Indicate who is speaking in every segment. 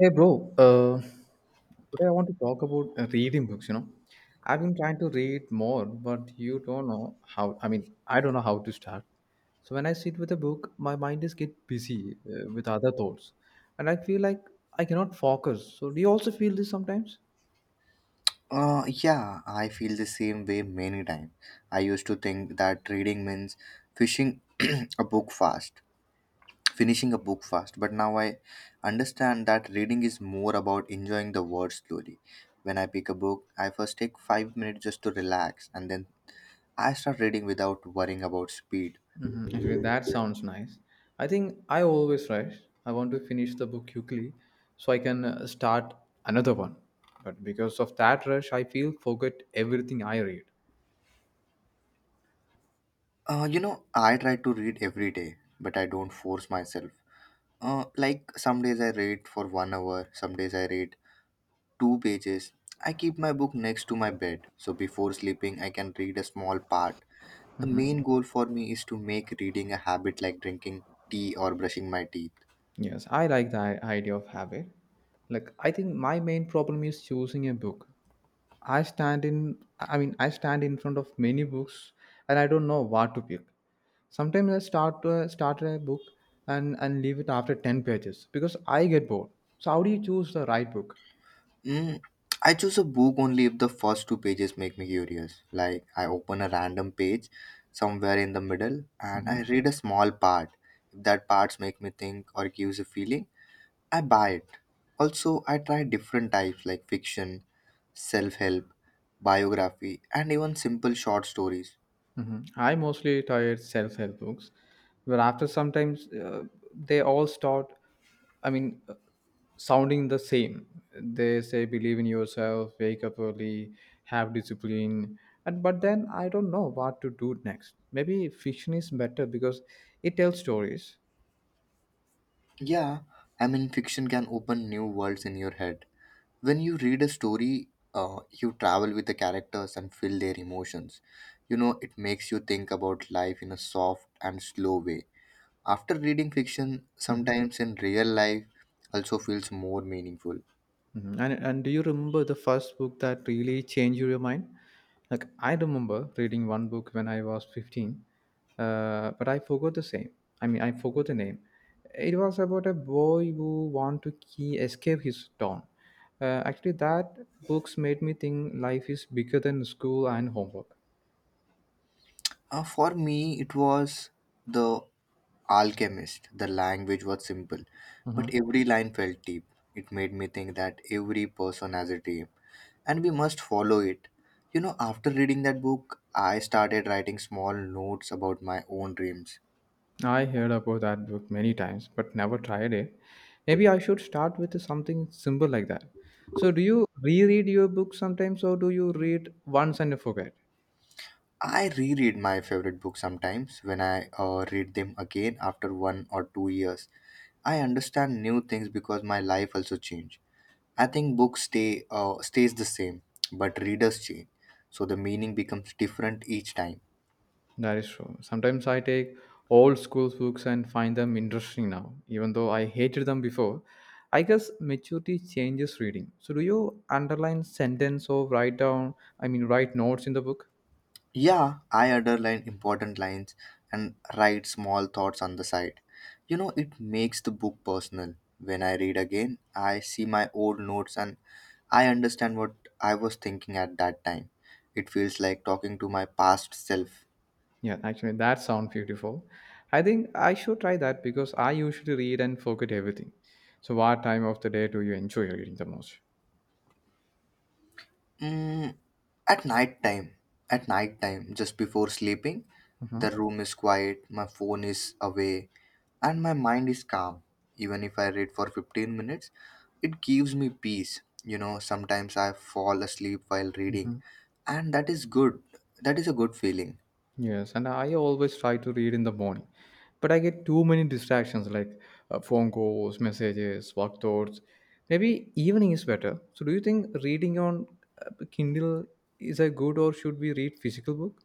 Speaker 1: Hey bro, today I want to talk about reading books. You know, I've been trying to read more, but you don't know how. I don't know how to start. So when I sit with a book, my mind is get busy with other thoughts, and I feel like I cannot focus. So do you also feel this sometimes?
Speaker 2: Yeah, I feel the same way many times. I used to think that reading means finishing a book fast, finishing a book fast, but now I understand that reading is more about enjoying the words slowly. When I pick a book, I first take 5 minutes just to relax and then I start reading without worrying about speed.
Speaker 1: Actually, that sounds nice. I think I always rush. I want to finish the book quickly so I can start another one. But because of that rush, I feel forget everything I read.
Speaker 2: I try to read every day, but I don't force myself. Like some days I read for 1 hour, some days I read two pages. I keep my book next to my bed so before sleeping I can read a small part. The main goal for me is to make reading a habit like drinking tea or brushing my teeth.
Speaker 1: Yes, I like the idea of habit. Like I think my main problem is choosing a book. I stand in I stand in front of many books and I don't know what to pick. Sometimes I start a book and leave it after 10 pages because I get bored. So how do you choose the right book?
Speaker 2: Mm, I choose a book only if the first two pages make me curious. Like I open a random page somewhere in the middle and I
Speaker 1: Mm-hmm.
Speaker 2: read a small part. If that parts make me think or gives a feeling, I buy it. Also, I try different types like fiction, self help, biography, and even simple short stories.
Speaker 1: Mhm. I mostly tired self-help books. But after sometimes they all start. I mean, uh, sounding the same. They say believe in yourself, wake up early, have discipline, and but then I don't know what to do next. Maybe fiction is better because it tells stories.
Speaker 2: Yeah, I mean, fiction can open new worlds in your head. When you read a story, you travel with the characters and feel their emotions. You know, it makes you think about life in a soft and slow way. After reading fiction,
Speaker 1: Mm-hmm.
Speaker 2: sometimes in real life, also feels more meaningful.
Speaker 1: Mhm. And do you remember the first book that really changed your mind? Like I remember reading one book when I was 15, but I forgot the same. I mean, I forgot the name. It was about a boy who want to key escape his town. Actually, that books made me think life is bigger than school and homework.
Speaker 2: For me, it was The Alchemist. The language was simple, but
Speaker 1: Mm-hmm.
Speaker 2: every line felt deep. It made me think that every person has a dream, and we must follow it. You know, after reading that book, I started writing small notes about my own dreams.
Speaker 1: I heard about that book many times, but never tried it. Maybe I should start with something simple like that. So, do you reread your book sometimes, or do you read once and forget?
Speaker 2: I reread my favorite books sometimes when I read them again after 1 or 2 years. I understand new things because my life also changed. I think books stay stays the same, but readers change, so the meaning becomes different each time.
Speaker 1: That is true. Sometimes I take old school books and find them interesting now, even though I hated them before. I guess maturity changes reading. So, do you underline sentence or write down, I mean, write notes in the book?
Speaker 2: Yeah, I underline important lines and write small thoughts on the side. You know, it makes the book personal. When I read again, I see my old notes and I understand what I was thinking at that time. It feels like talking to my past self.
Speaker 1: Yeah, actually, that sounds beautiful. I think I should try that because I usually read and forget everything. So, what time of the day do you enjoy reading the most?
Speaker 2: Mm, at night time, at night time, just before sleeping, the
Speaker 1: hmm
Speaker 2: room is quiet, my phone is away, and my mind is calm. Even if I read for 15 minutes, it gives me peace. You know, sometimes I fall asleep while reading,
Speaker 1: hmm
Speaker 2: and that is good. That is a good feeling.
Speaker 1: Yes, and I always try to read in the morning, but I get too many distractions like phone calls, messages, work thoughts. Maybe evening is better. So, do you think reading on Kindle is a good, or should we read physical book?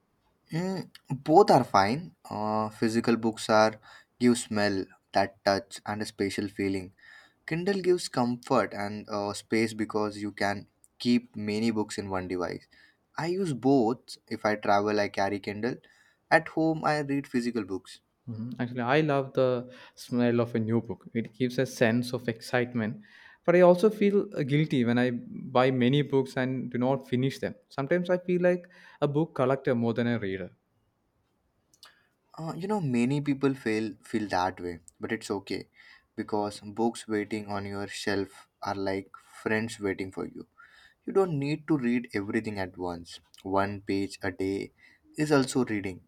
Speaker 2: Mm, both are fine. Physical books are give smell, that touch, and a spatial feeling. Kindle gives comfort and space because you can keep many books in one device. I use both. If I travel, I carry Kindle. At home, I read physical books.
Speaker 1: Mhm. Actually, I love the smell of a new book. It gives a sense of excitement. But I also feel guilty when I buy many books and do not finish them. Sometimes I feel like a book collector more than a reader.
Speaker 2: Many people feel that way, but it's okay because books waiting on your shelf are like friends waiting for you. You don't need to read everything at once. One page a day is also reading.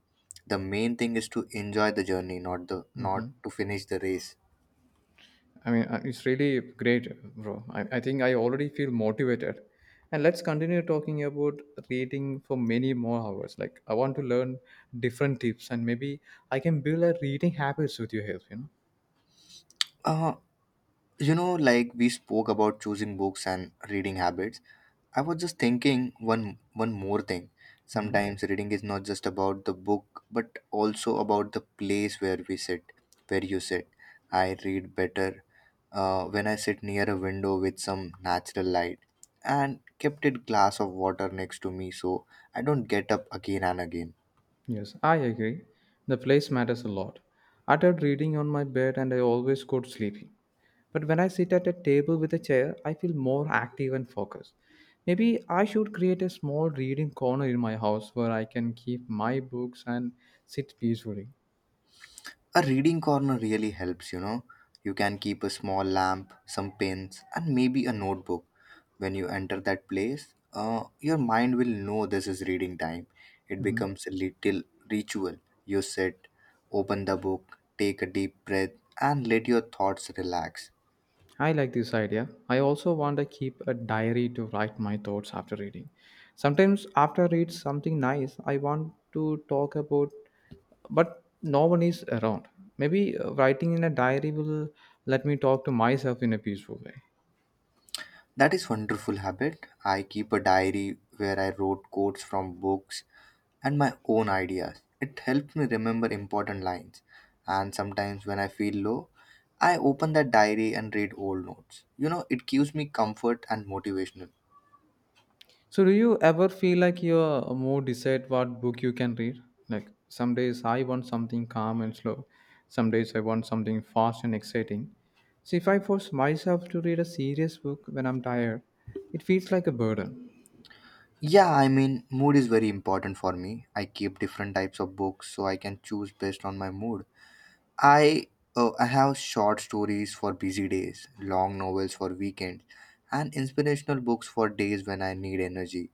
Speaker 2: The main thing is to enjoy the journey, not the not
Speaker 1: Mhm.
Speaker 2: to finish the race.
Speaker 1: It's really great, bro. I think I already feel motivated. And let's continue talking about reading for many more hours. Like, I want to learn different tips and maybe I can build a reading habits with your help, you
Speaker 2: Uh, like we spoke about choosing books and reading habits. I was just thinking one more thing.
Speaker 1: know?
Speaker 2: Sometimes reading is not just about the book, but also about the place where we sit, where you sit. I read better when I sit near a window with some natural light and kept a glass of water next to me so I don't get up again and again.
Speaker 1: Yes, I agree. The place matters a lot. I tried reading on my bed and I always got sleepy. But when I sit at a table with a chair, I feel more active and focused. Maybe I should create a small reading corner in my house where I can keep my books and sit peacefully.
Speaker 2: A reading corner really helps, you know. You can keep a small lamp, some pens, and maybe a notebook. When you enter that place, your mind will know this is reading time. It
Speaker 1: Mm-hmm.
Speaker 2: becomes a little ritual. You sit, open the book, take a deep breath, and let your thoughts relax.
Speaker 1: I like this idea. I also want to keep a diary to write my thoughts after reading. Sometimes after I read something nice, I want to talk about but no one is around. Maybe writing in a diary will let me talk to myself in a peaceful way.
Speaker 2: That is wonderful habit. I keep a diary where I wrote quotes from books and my own ideas. It helps me remember important lines. And sometimes when I feel low, I open that diary and read old notes. You know, it gives me comfort and motivational.
Speaker 1: So, do you ever feel like you're more decide what book you can read? Like some days I want something calm and slow. Some days I want something fast and exciting. So if I force myself to read a serious book when I'm tired, it feels like a burden.
Speaker 2: Yeah, I mean, mood is very important for me. I keep different types of books so I can choose based on my mood. I I have short stories for busy days, long novels for weekends, and inspirational books for days when I need energy.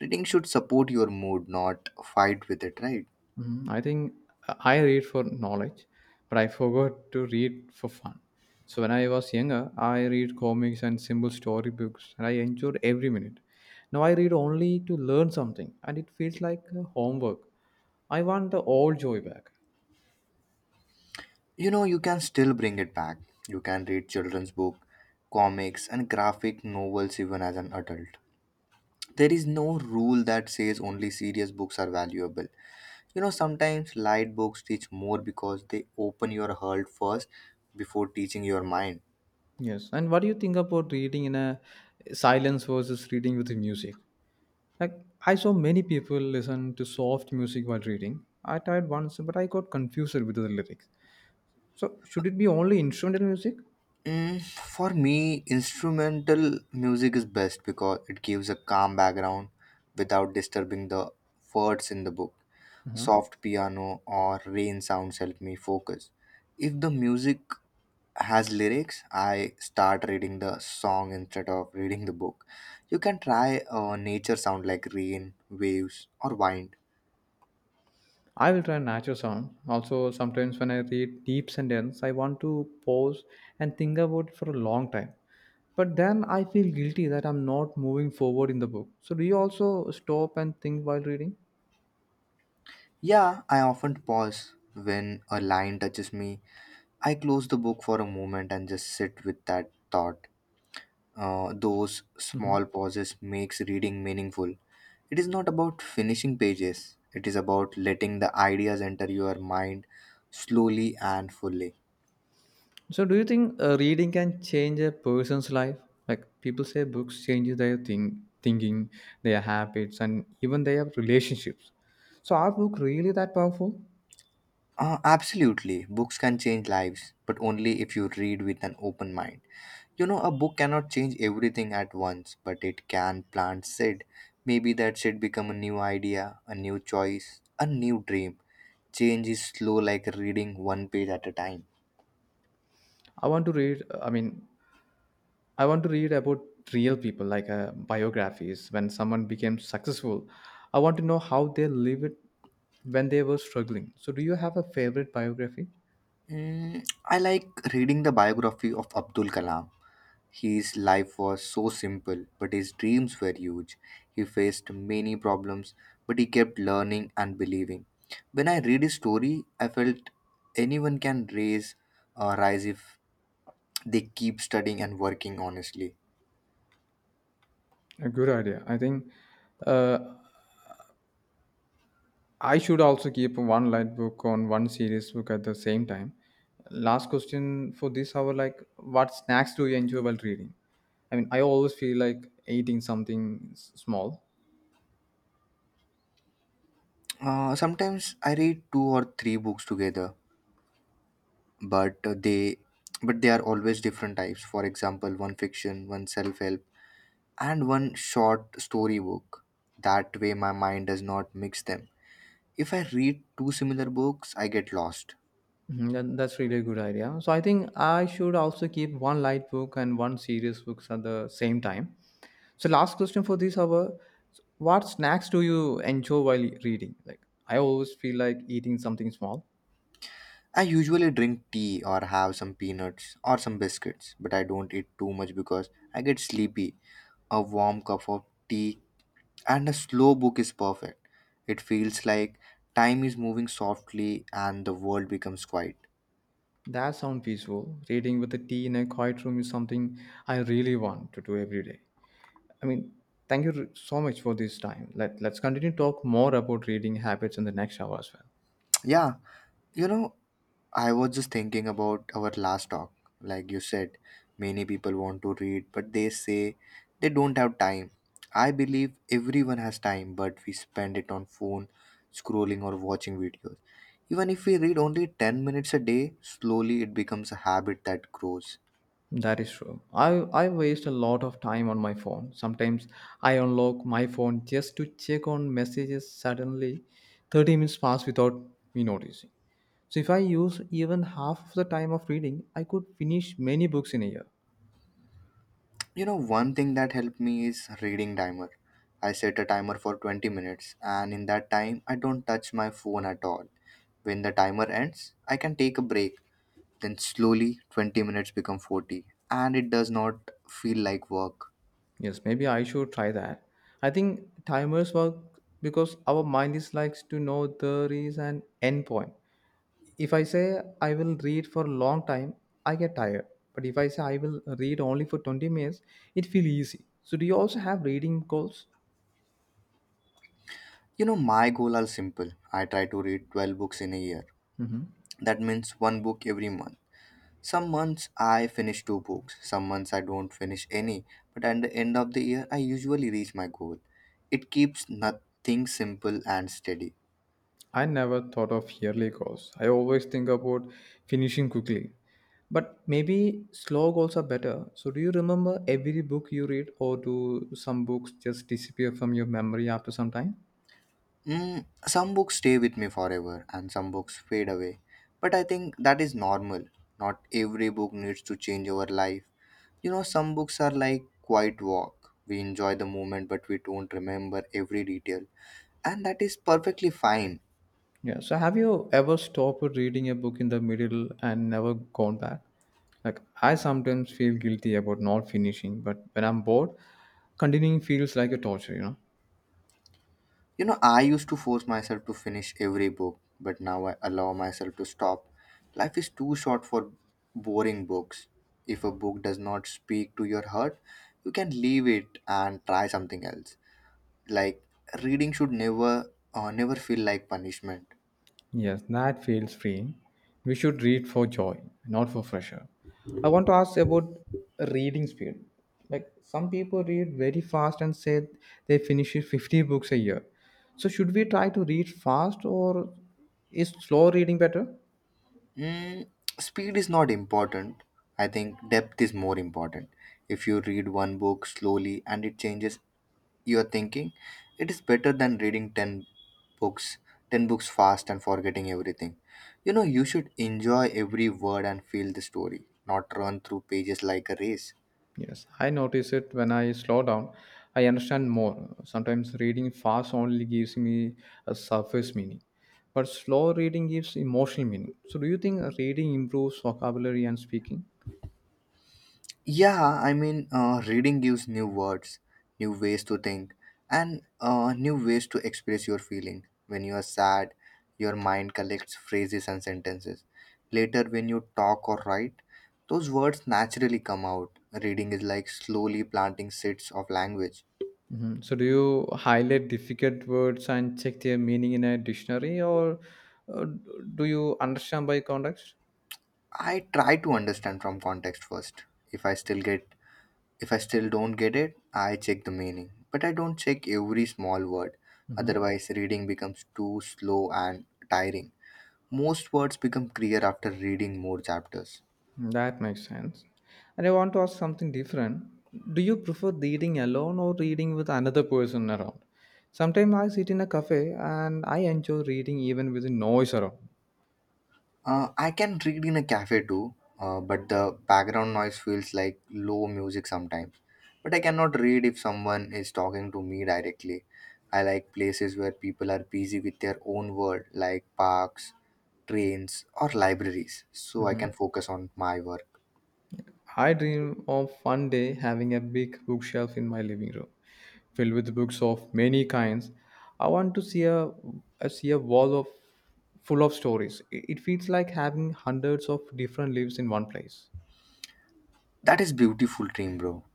Speaker 2: Reading should support your mood, not fight with it, right?
Speaker 1: Mhm. I think I read for knowledge, but I forgot to read for fun. So when I was younger, I read comics and simple storybooks, and I enjoyed every minute. Now I read only to learn something, and it feels like homework. I want the old joy back.
Speaker 2: You know, you can still bring it back. You can read children's book, comics, and graphic novels even as an adult. There is no rule that says only serious books are valuable. You know, sometimes light books teach more because they open your heart first before teaching your mind.
Speaker 1: Yes. And what do you think about reading in a silence versus reading with the music? Like I saw many people listen to soft music while reading. I tried once, but I got confused with the lyrics. So should it be only instrumental music?
Speaker 2: Mm, for me, instrumental music is best because it gives a calm background without disturbing the words in the book.
Speaker 1: Uh-huh.
Speaker 2: Soft piano or rain sounds help me focus. If the music has lyrics, I start reading the song instead of reading the book. You can try a nature sound like rain, waves, or wind.
Speaker 1: I will try natural sound. Also, sometimes when I read deep sentence, I want to pause and think about it for a long time. But then I feel guilty that I'm not moving forward in the book. So, do you also stop and think while reading?
Speaker 2: Yeah, I often pause when a line touches me. I close the book for a moment and just sit with that thought. Those
Speaker 1: hmm
Speaker 2: small pauses makes reading meaningful. It is not about finishing pages. It is about letting the ideas enter your mind slowly and fully.
Speaker 1: So, do you think reading can change a person's life? Like people say, books change their thinking, their habits, and even their relationships. So, are books really that powerful?
Speaker 2: Absolutely, books can change lives, but only if you read with an open mind. You know, a book cannot change everything at once, but it can plant seed. Maybe that seed become a new idea, a new choice, a new dream. Change is slow, like reading one page at a time.
Speaker 1: I want to read. uh, I mean, I want to read about real people, like biographies. When someone became successful, I want to know how they live it when they were struggling. So, do you have a favorite biography?
Speaker 2: Mm, I like reading the biography of Abdul Kalam. His life was so simple, but his dreams were huge. He faced many problems, but he kept learning and believing. When I read his story, I felt anyone can raise rise if they keep studying and working honestly.
Speaker 1: A good idea. I think uh, I should also keep one light book on one serious book at the same time. Last question for this hour like, what snacks do you enjoy while reading? I mean, I always feel like eating something small.
Speaker 2: Sometimes I read two or three books together, but uh, they but they are always different types. For example, one fiction, one self help and one short story book. That way, my mind does not mix them. If I read two similar books, I get lost.
Speaker 1: Mhm, That's really a good idea. So I think I should also keep one light book and one serious books at the same time. So last question for this hour: So, what snacks do you enjoy while reading? Like I always feel like eating something small.
Speaker 2: I usually drink tea or have some peanuts or some biscuits, but I don't eat too much because I get sleepy. A warm cup of tea and a slow book is perfect. It feels like time is moving softly and the world becomes quiet.
Speaker 1: That sounds peaceful. Reading with a tea in a quiet room is something I really want to do every day. I mean, thank you so much for this time. Let's continue to talk more about reading habits in the next hour as well.
Speaker 2: Yeah, you know, I was just thinking about our last talk. Like you said, many people want to read, but they say they don't have time. I believe everyone has time, but we spend it on phone, scrolling or watching videos. Even if we read only 10 minutes a day, slowly it becomes a habit that grows.
Speaker 1: That is true. I waste a lot of time on my phone. Sometimes I unlock my phone just to check on messages. Suddenly, 30 minutes pass without me noticing. So if I use even half of the time of reading, I could finish many books in a year.
Speaker 2: You know, one thing that helped me is reading timer. I set a timer for 20 minutes and in that time I don't touch my phone at all. When the timer ends, I can take a break. Then slowly 20 minutes become 40 and it does not feel like work.
Speaker 1: Yes, maybe I should try that. I think timers work because our mind is likes to know there is an end point. If I say I will read for a long time I get tired but if I say I will read only for 20 minutes it feels easy. So do you also have reading goals?
Speaker 2: You know, my goal are simple. I try to read 12 books in a year.
Speaker 1: hmm
Speaker 2: That means one book every month. Some months I finish two books, some months I don't finish any, but at the end of the year I usually reach my goal. It keeps nothing simple and steady.
Speaker 1: I never thought of yearly goals. I always think about finishing quickly, but maybe slow goals are better. So do you remember every book you read, or do some books just disappear from your memory after some time?
Speaker 2: Mm, some books stay with me forever and some books fade away, but I think that is normal. Not every book needs to change our life. You know, some books are like quiet walk. We enjoy the moment, but we don't remember every detail, and that is perfectly fine.
Speaker 1: Yeah. So have you ever stopped reading a book in the middle and never gone back? Like I sometimes feel guilty about not finishing, but when I'm bored, continuing feels like a torture, you know?
Speaker 2: You know, I used to force myself to finish every book, but now I allow myself to stop. Life is too short for boring books. If a book does not speak to your heart, you can leave it and try something else. Like reading should never never feel like punishment.
Speaker 1: Yes, that feels freeing. We should read for joy, not for pressure. I want to ask about reading speed. Like some people read very fast and say they finish 50 books a year. So should we try to read fast or is slow reading better?
Speaker 2: Mm, speed is not important. I think depth is more important. If you read one book slowly and it changes your thinking, it is better than reading 10 books, 10 books fast and forgetting everything. You know, you should enjoy every word and feel the story, not run through pages like a race.
Speaker 1: Yes, I notice it when I slow down. I understand more. Sometimes reading fast only gives me a surface meaning, but slow reading gives emotional meaning. So, do you think reading improves vocabulary and speaking?
Speaker 2: Yeah, I mean, reading gives new words, new ways to think, and new ways to express your feeling. When you are sad, your mind collects phrases and sentences. Later, when you talk or write, those words naturally come out. Reading is like slowly planting seeds of language.
Speaker 1: Mhm. So, do you highlight difficult words and check their meaning in a dictionary, or uh, do you understand by context?
Speaker 2: I try to understand from context first. If I still get If I still don't get it, I check the meaning, but I don't check every small word.
Speaker 1: Mm-hmm.
Speaker 2: Otherwise, reading becomes too slow and tiring. Most words become clear after reading more chapters.
Speaker 1: That makes sense. And I want to ask something different. Do you prefer reading alone or reading with another person around? Sometimes I sit in a cafe and I enjoy reading even with the noise around.
Speaker 2: I can read in a cafe too, but the background noise feels like low music sometimes. But I cannot read if someone is talking to me directly. I like places where people are busy with their own world, like parks, trains, or libraries, so I can
Speaker 1: Mhm.
Speaker 2: focus on my work.
Speaker 1: I dream of one day having a big bookshelf in my living room filled with books of many kinds. I want to see a, I see a wall of full of stories. It feels like having hundreds of different lives in one place.
Speaker 2: That is beautiful dream, bro.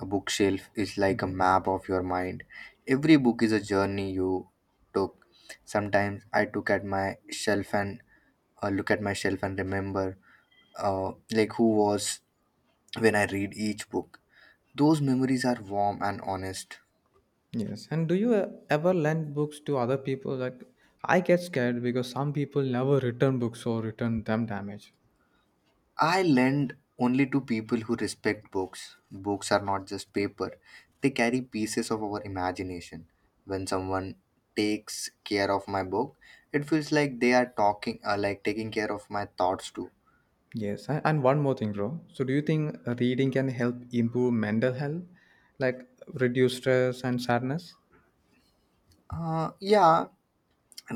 Speaker 2: A bookshelf is like a map of your mind. Every book is a journey you took. Sometimes I took at my shelf and look at my shelf and remember who was when I read each book. Those memories are warm and honest.
Speaker 1: Yes, and do you ever lend books to other people? Like, I get scared because some people never return books or return them damaged.
Speaker 2: I lend only to people who respect books. Books are not just paper, they carry pieces of our imagination. When someone takes care of my book, it feels like they are talking, taking care of my thoughts too.
Speaker 1: Yes, and one more thing, bro. So, do you think reading can help improve mental health, like reduce stress and sadness?
Speaker 2: Yeah,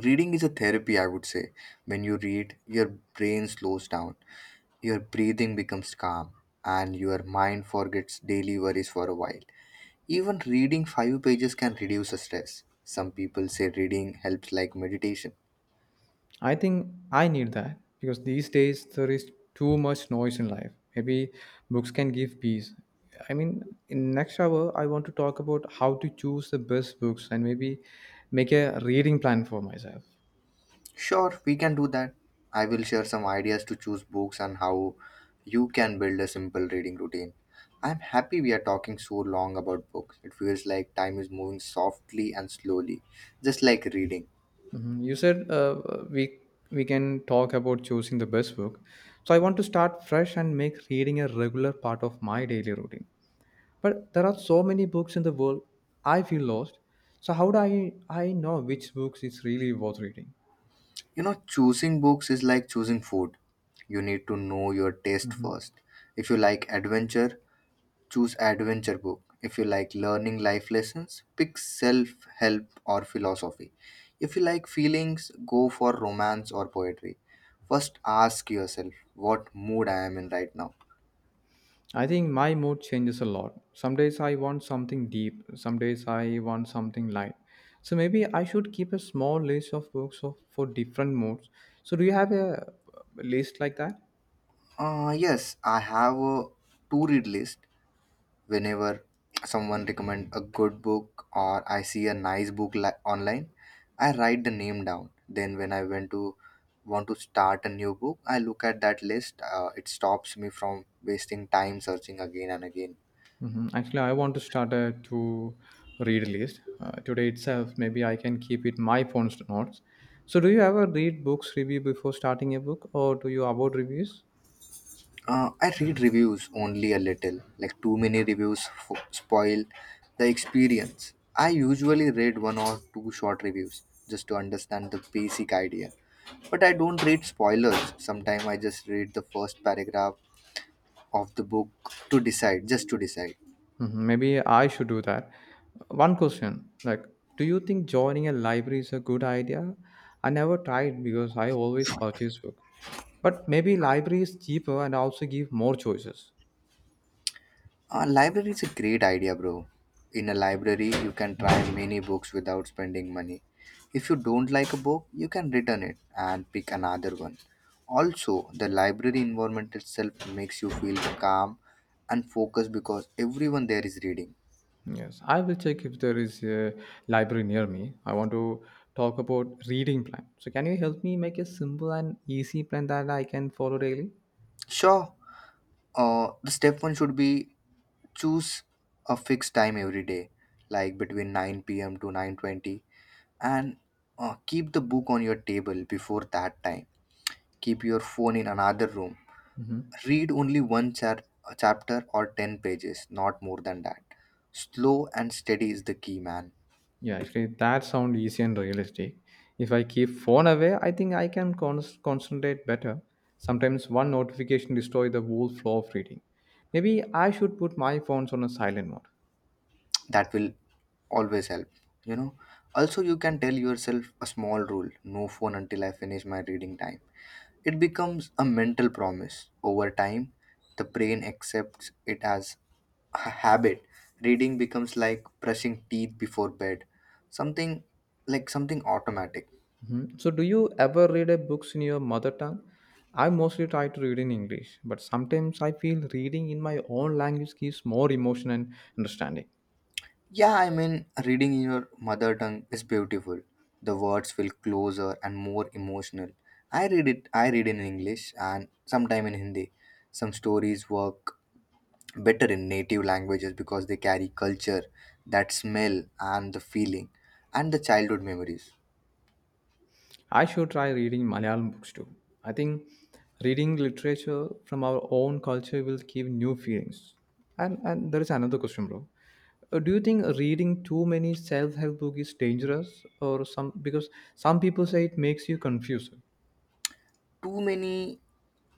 Speaker 2: reading is a therapy, I would say. When you read, your brain slows down, your breathing becomes calm, and your mind forgets daily worries for a while. Even reading five pages can reduce the stress. Some people say reading helps like meditation.
Speaker 1: I think I need that because these days there is too much noise in life. Maybe books can give peace. I mean, in next hour, I want to talk about how to choose the best books and maybe make a reading plan for myself.
Speaker 2: Sure, we can do that. I will share some ideas to choose books and how you can build a simple reading routine. I'm happy we are talking so long about books. It feels like time is moving softly and slowly, just like reading.
Speaker 1: Mhm. You said we we can talk about choosing the best book. So I want to start fresh and make reading a regular part of my daily routine. But there are so many books in the world, I feel lost. So how do I know which books is really worth reading?
Speaker 2: You know, choosing books is like choosing food. You need to know your taste first. If you like adventure, choose adventure book. If you like learning life lessons, pick self-help or philosophy. If you like feelings, go for romance or poetry. First ask yourself what mood I am in right now.
Speaker 1: I think my mood changes a lot. Some days I want something deep, some days I want something light. So maybe I should keep a small list of books of, for different moods. So do you have a list like that?
Speaker 2: Yes, I have a to read list. Whenever someone recommend a good book or I see a nice book online, I write the name down. Then when I went to want to start a new book, I look at that list. It stops me from wasting time searching again and again.
Speaker 1: Mhm. Actually, I want to start a to read list today itself. Maybe I can keep it my phone's notes. So, do you ever read books review before starting a book, or do you avoid reviews?
Speaker 2: Uh, I read reviews only a little, like too many reviews spoil the experience. I usually read one or two short reviews just to understand the basic idea, but I don't read spoilers. Sometimes I just read the first paragraph of the book just to decide.
Speaker 1: Mhm. Maybe I should do that. One question, like, do you think joining a library is a good idea? I never tried because I always purchase book. But maybe library is cheaper and also give more choices.
Speaker 2: A library is a great idea, bro. In a library, you can
Speaker 1: Mm-hmm.
Speaker 2: try many books without spending money. If you don't like a book, you can return it and pick another one. Also, the library environment itself makes you feel calm and focused because everyone there is reading.
Speaker 1: Yes, I will check if there is a library near me. I want to talk about reading plan. So can you help me make a simple and easy plan that I can follow daily?
Speaker 2: Sure, the step one should be choose a fixed time every day, like between 9 p.m. to 9:20. And keep the book on your table before that time. Keep your phone in another room. Read only one chapter or 10 pages, not more than that. Slow and steady is the key, man.
Speaker 1: Yeah, actually that sounds easy and realistic. If I keep phone away, I think I can concentrate better. Sometimes one notification destroy the whole flow of reading. Maybe I should put my phones on a silent mode.
Speaker 2: That will always help, you know. Also, you can tell yourself a small rule, no phone until I finish my reading time. It becomes a mental promise. Over time, the brain accepts it as a habit. Reading becomes like brushing teeth before bed, something something automatic.
Speaker 1: Mhm. So, do you ever read a books in your mother tongue? I mostly try to read in English, but sometimes I feel reading in my own language gives more emotion and understanding.
Speaker 2: Yeah, I mean, reading in your mother tongue is beautiful. The words feel closer and more emotional. I read in English and sometime in Hindi. Some stories work better in native languages because they carry culture, that smell, and the feeling, and the childhood memories.
Speaker 1: I should try reading Malayalam books too. I think reading literature from our own culture will give new feelings. And there is another question, bro. Do you think reading too many self-help books is dangerous, or some because some people say it makes you confused?
Speaker 2: Too many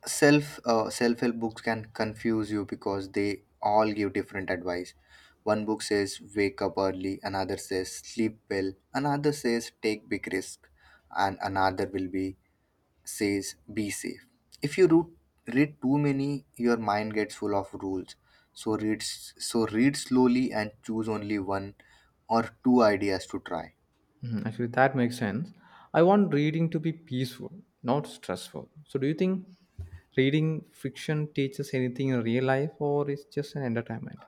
Speaker 2: self-help books can confuse you because they all give different advice. One book says wake up early, another says sleep well, another says take big risk, and another will be says be safe. If you root, read too many, your mind gets full of rules. So so read slowly and choose only one or two ideas to try.
Speaker 1: Mhm, actually, that makes sense. I want reading to be peaceful, not stressful. So, do you think reading fiction teaches anything in real life or is just an entertainment?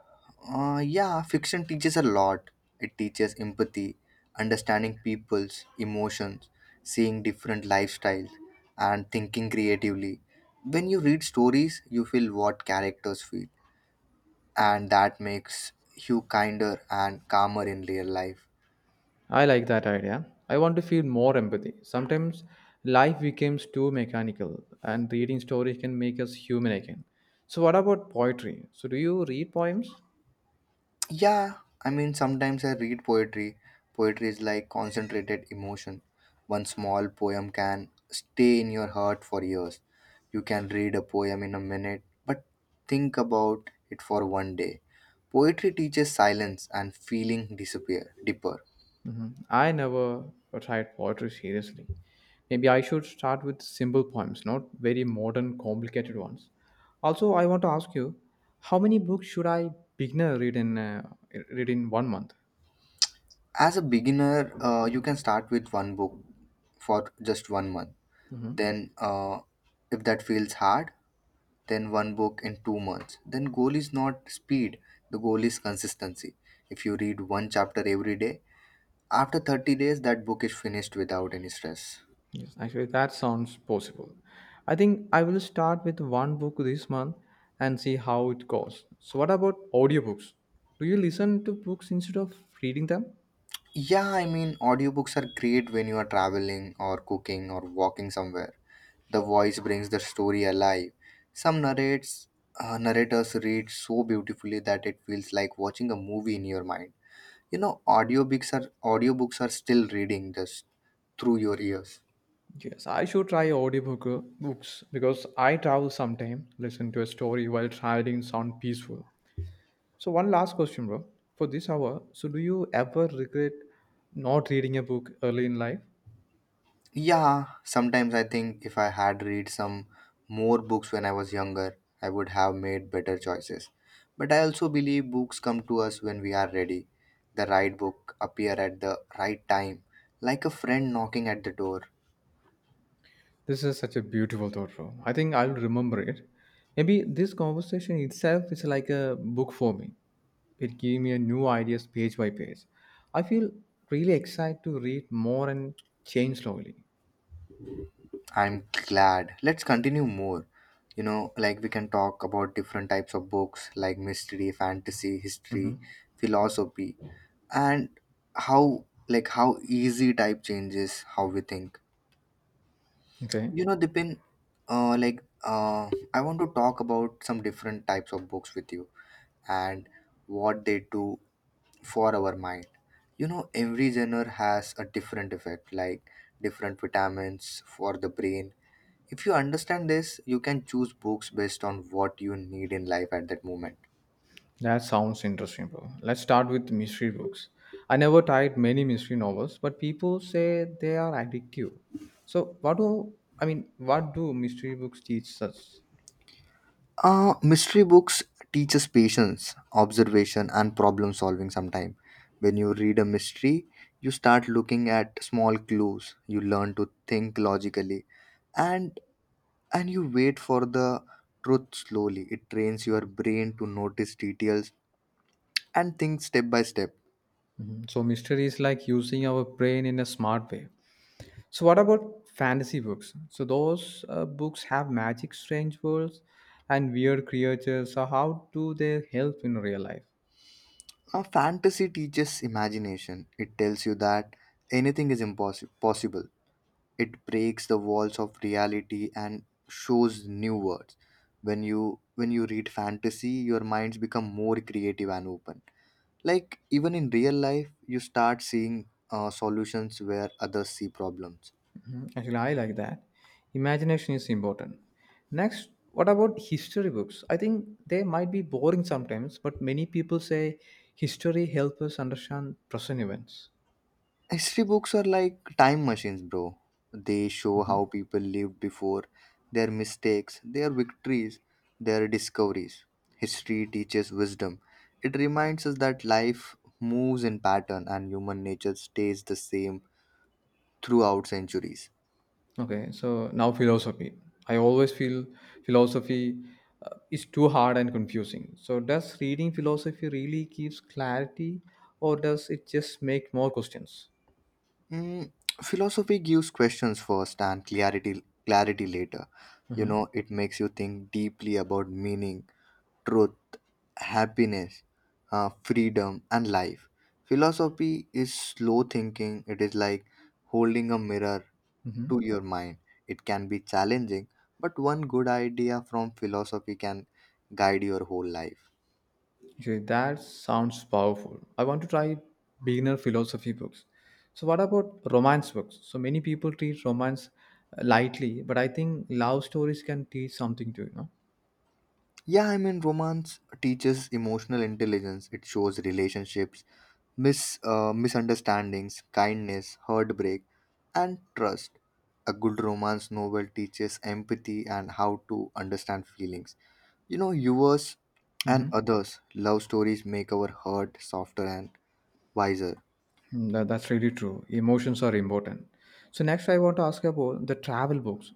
Speaker 2: Yeah, fiction teaches a lot. It teaches empathy, understanding people's emotions, seeing different lifestyles, and thinking creatively. When you read stories, you feel what characters feel, and that makes you kinder and calmer in real life.
Speaker 1: I like that idea. I want to feel more empathy. Sometimes life becomes too mechanical, and reading stories can make us human again. So, what about poetry? So, do you read poems?
Speaker 2: Yeah, I mean, sometimes I read poetry. Poetry is like concentrated emotion. One small poem can stay in your heart for years. You can read a poem in a minute, but think about it for one day. Poetry teaches silence and feeling disappear deeper.
Speaker 1: Mhm. I never tried poetry seriously. Maybe I should start with simple poems, not very modern, complicated ones. Also, I want to ask you, how many books should I beginner read in read in one month?
Speaker 2: As a beginner, you can start with one book for just one month. Then, if that feels hard, then one book in 2 months. Then goal is not speed, the goal is consistency. If you read one chapter every day, after 30 days that book is finished without any stress.
Speaker 1: Yes, actually, that sounds possible. I think I will start with one book this month and see how it goes. So, what about audiobooks? Do you listen to books instead of reading them?
Speaker 2: Yeah, I mean audiobooks are great when you are traveling or cooking or walking somewhere. The voice brings the story alive. Some narrates Narrators read so beautifully that it feels like watching a movie in your mind. You know, audiobooks are still reading just through your ears.
Speaker 1: Yes, I should try audiobook books because I travel sometime, listen to a story while traveling sound peaceful. So one last question, bro. For this hour, so do you ever regret not reading a book early in life?
Speaker 2: Yeah, sometimes I think if I had read some more books when I was younger, I would have made better choices. But I also believe books come to us when we are ready. The right book appear at the right time, like a friend knocking at the door.
Speaker 1: This is such a beautiful thought, bro. I think I'll remember it. Maybe this conversation itself is like a book for me. It gave me a new ideas page by page. I feel really excited to read more and change slowly.
Speaker 2: I'm glad. Let's continue more. You know, like we can talk about different types of books like mystery, fantasy, history,
Speaker 1: Hmm.
Speaker 2: philosophy, and how easy type changes how we think.
Speaker 1: Okay.
Speaker 2: You know, Dipin, I want to talk about some different types of books with you and what they do for our mind. You know, every genre has a different effect, like different vitamins for the brain. If you understand this, you can choose books based on what you need in life at that moment.
Speaker 1: That sounds interesting, bro. Let's start with mystery books. I never tried many mystery novels, but people say they are addictive. So, what do I mean? What do mystery books teach us?
Speaker 2: Mystery books teach us patience, observation, and problem solving sometime. When you read a mystery, you start looking at small clues, you learn to think logically, and you wait for the truth slowly. It trains your brain to notice details and think step by step.
Speaker 1: So, mystery is like using our brain in a smart way. So, what about fantasy books? So, those books have magic, strange worlds, and weird creatures. So, how do they help in real life?
Speaker 2: Fantasy teaches imagination. It tells you that anything is impossible possible. It breaks the walls of reality and shows new worlds. when you when you read fantasy, your minds become more creative and open. Like, even in real life, you start seeing solutions where others see problems.
Speaker 1: Actually, I like that. Imagination is important. Next, what about history books? I think they might be boring sometimes, but many people say history helps us understand present events.
Speaker 2: History books are like time machines, bro. They show how people lived before, their mistakes, their victories, their discoveries. History teaches wisdom. It reminds us that life moves in pattern and human nature stays the same throughout centuries.
Speaker 1: Okay, so now philosophy. I always feel philosophy is too hard and confusing. So, does reading philosophy really gives clarity, or does it just make more questions?
Speaker 2: Mm, Philosophy gives questions first and clarity later. You know, it makes you think deeply about meaning, truth, happiness, freedom, and life. Philosophy is slow thinking, it is like holding a mirror to your mind. It can be challenging, but one good idea from philosophy can guide your whole life.
Speaker 1: Okay, that sounds powerful. I want to try beginner philosophy books. So, what about romance books? So, many people treat romance lightly, but I think love stories can teach something too, you know?
Speaker 2: Yeah, I mean, romance teaches emotional intelligence. It shows relationships, misunderstandings, kindness, heartbreak, and trust. A good romance novel teaches empathy and how to understand feelings. You know, yours and
Speaker 1: Mm-hmm.
Speaker 2: others' love stories make our heart softer and wiser.
Speaker 1: Hmm. That's really true. Emotions are important. So, next, I want to ask about the travel books.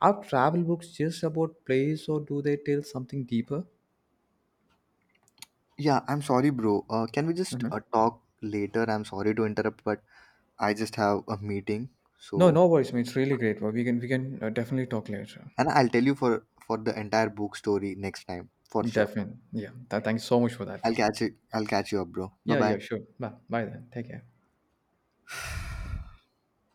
Speaker 1: Are travel books just about place or do they tell something deeper?
Speaker 2: Yeah, I'm sorry, bro. Can we just
Speaker 1: Hmm.
Speaker 2: talk later? I'm sorry to interrupt, but I just have a meeting.
Speaker 1: No,
Speaker 2: So,
Speaker 1: no worries, man. It's really great, bro. We can definitely talk later.
Speaker 2: and I'll tell you for the entire book story next time for sure.
Speaker 1: Definitely. Yeah. Thank you so much for that, bro.
Speaker 2: I'll catch you up, bro. Bye
Speaker 1: Yeah,
Speaker 2: bye.
Speaker 1: yeah, sure. Bye. Bye then. Take care.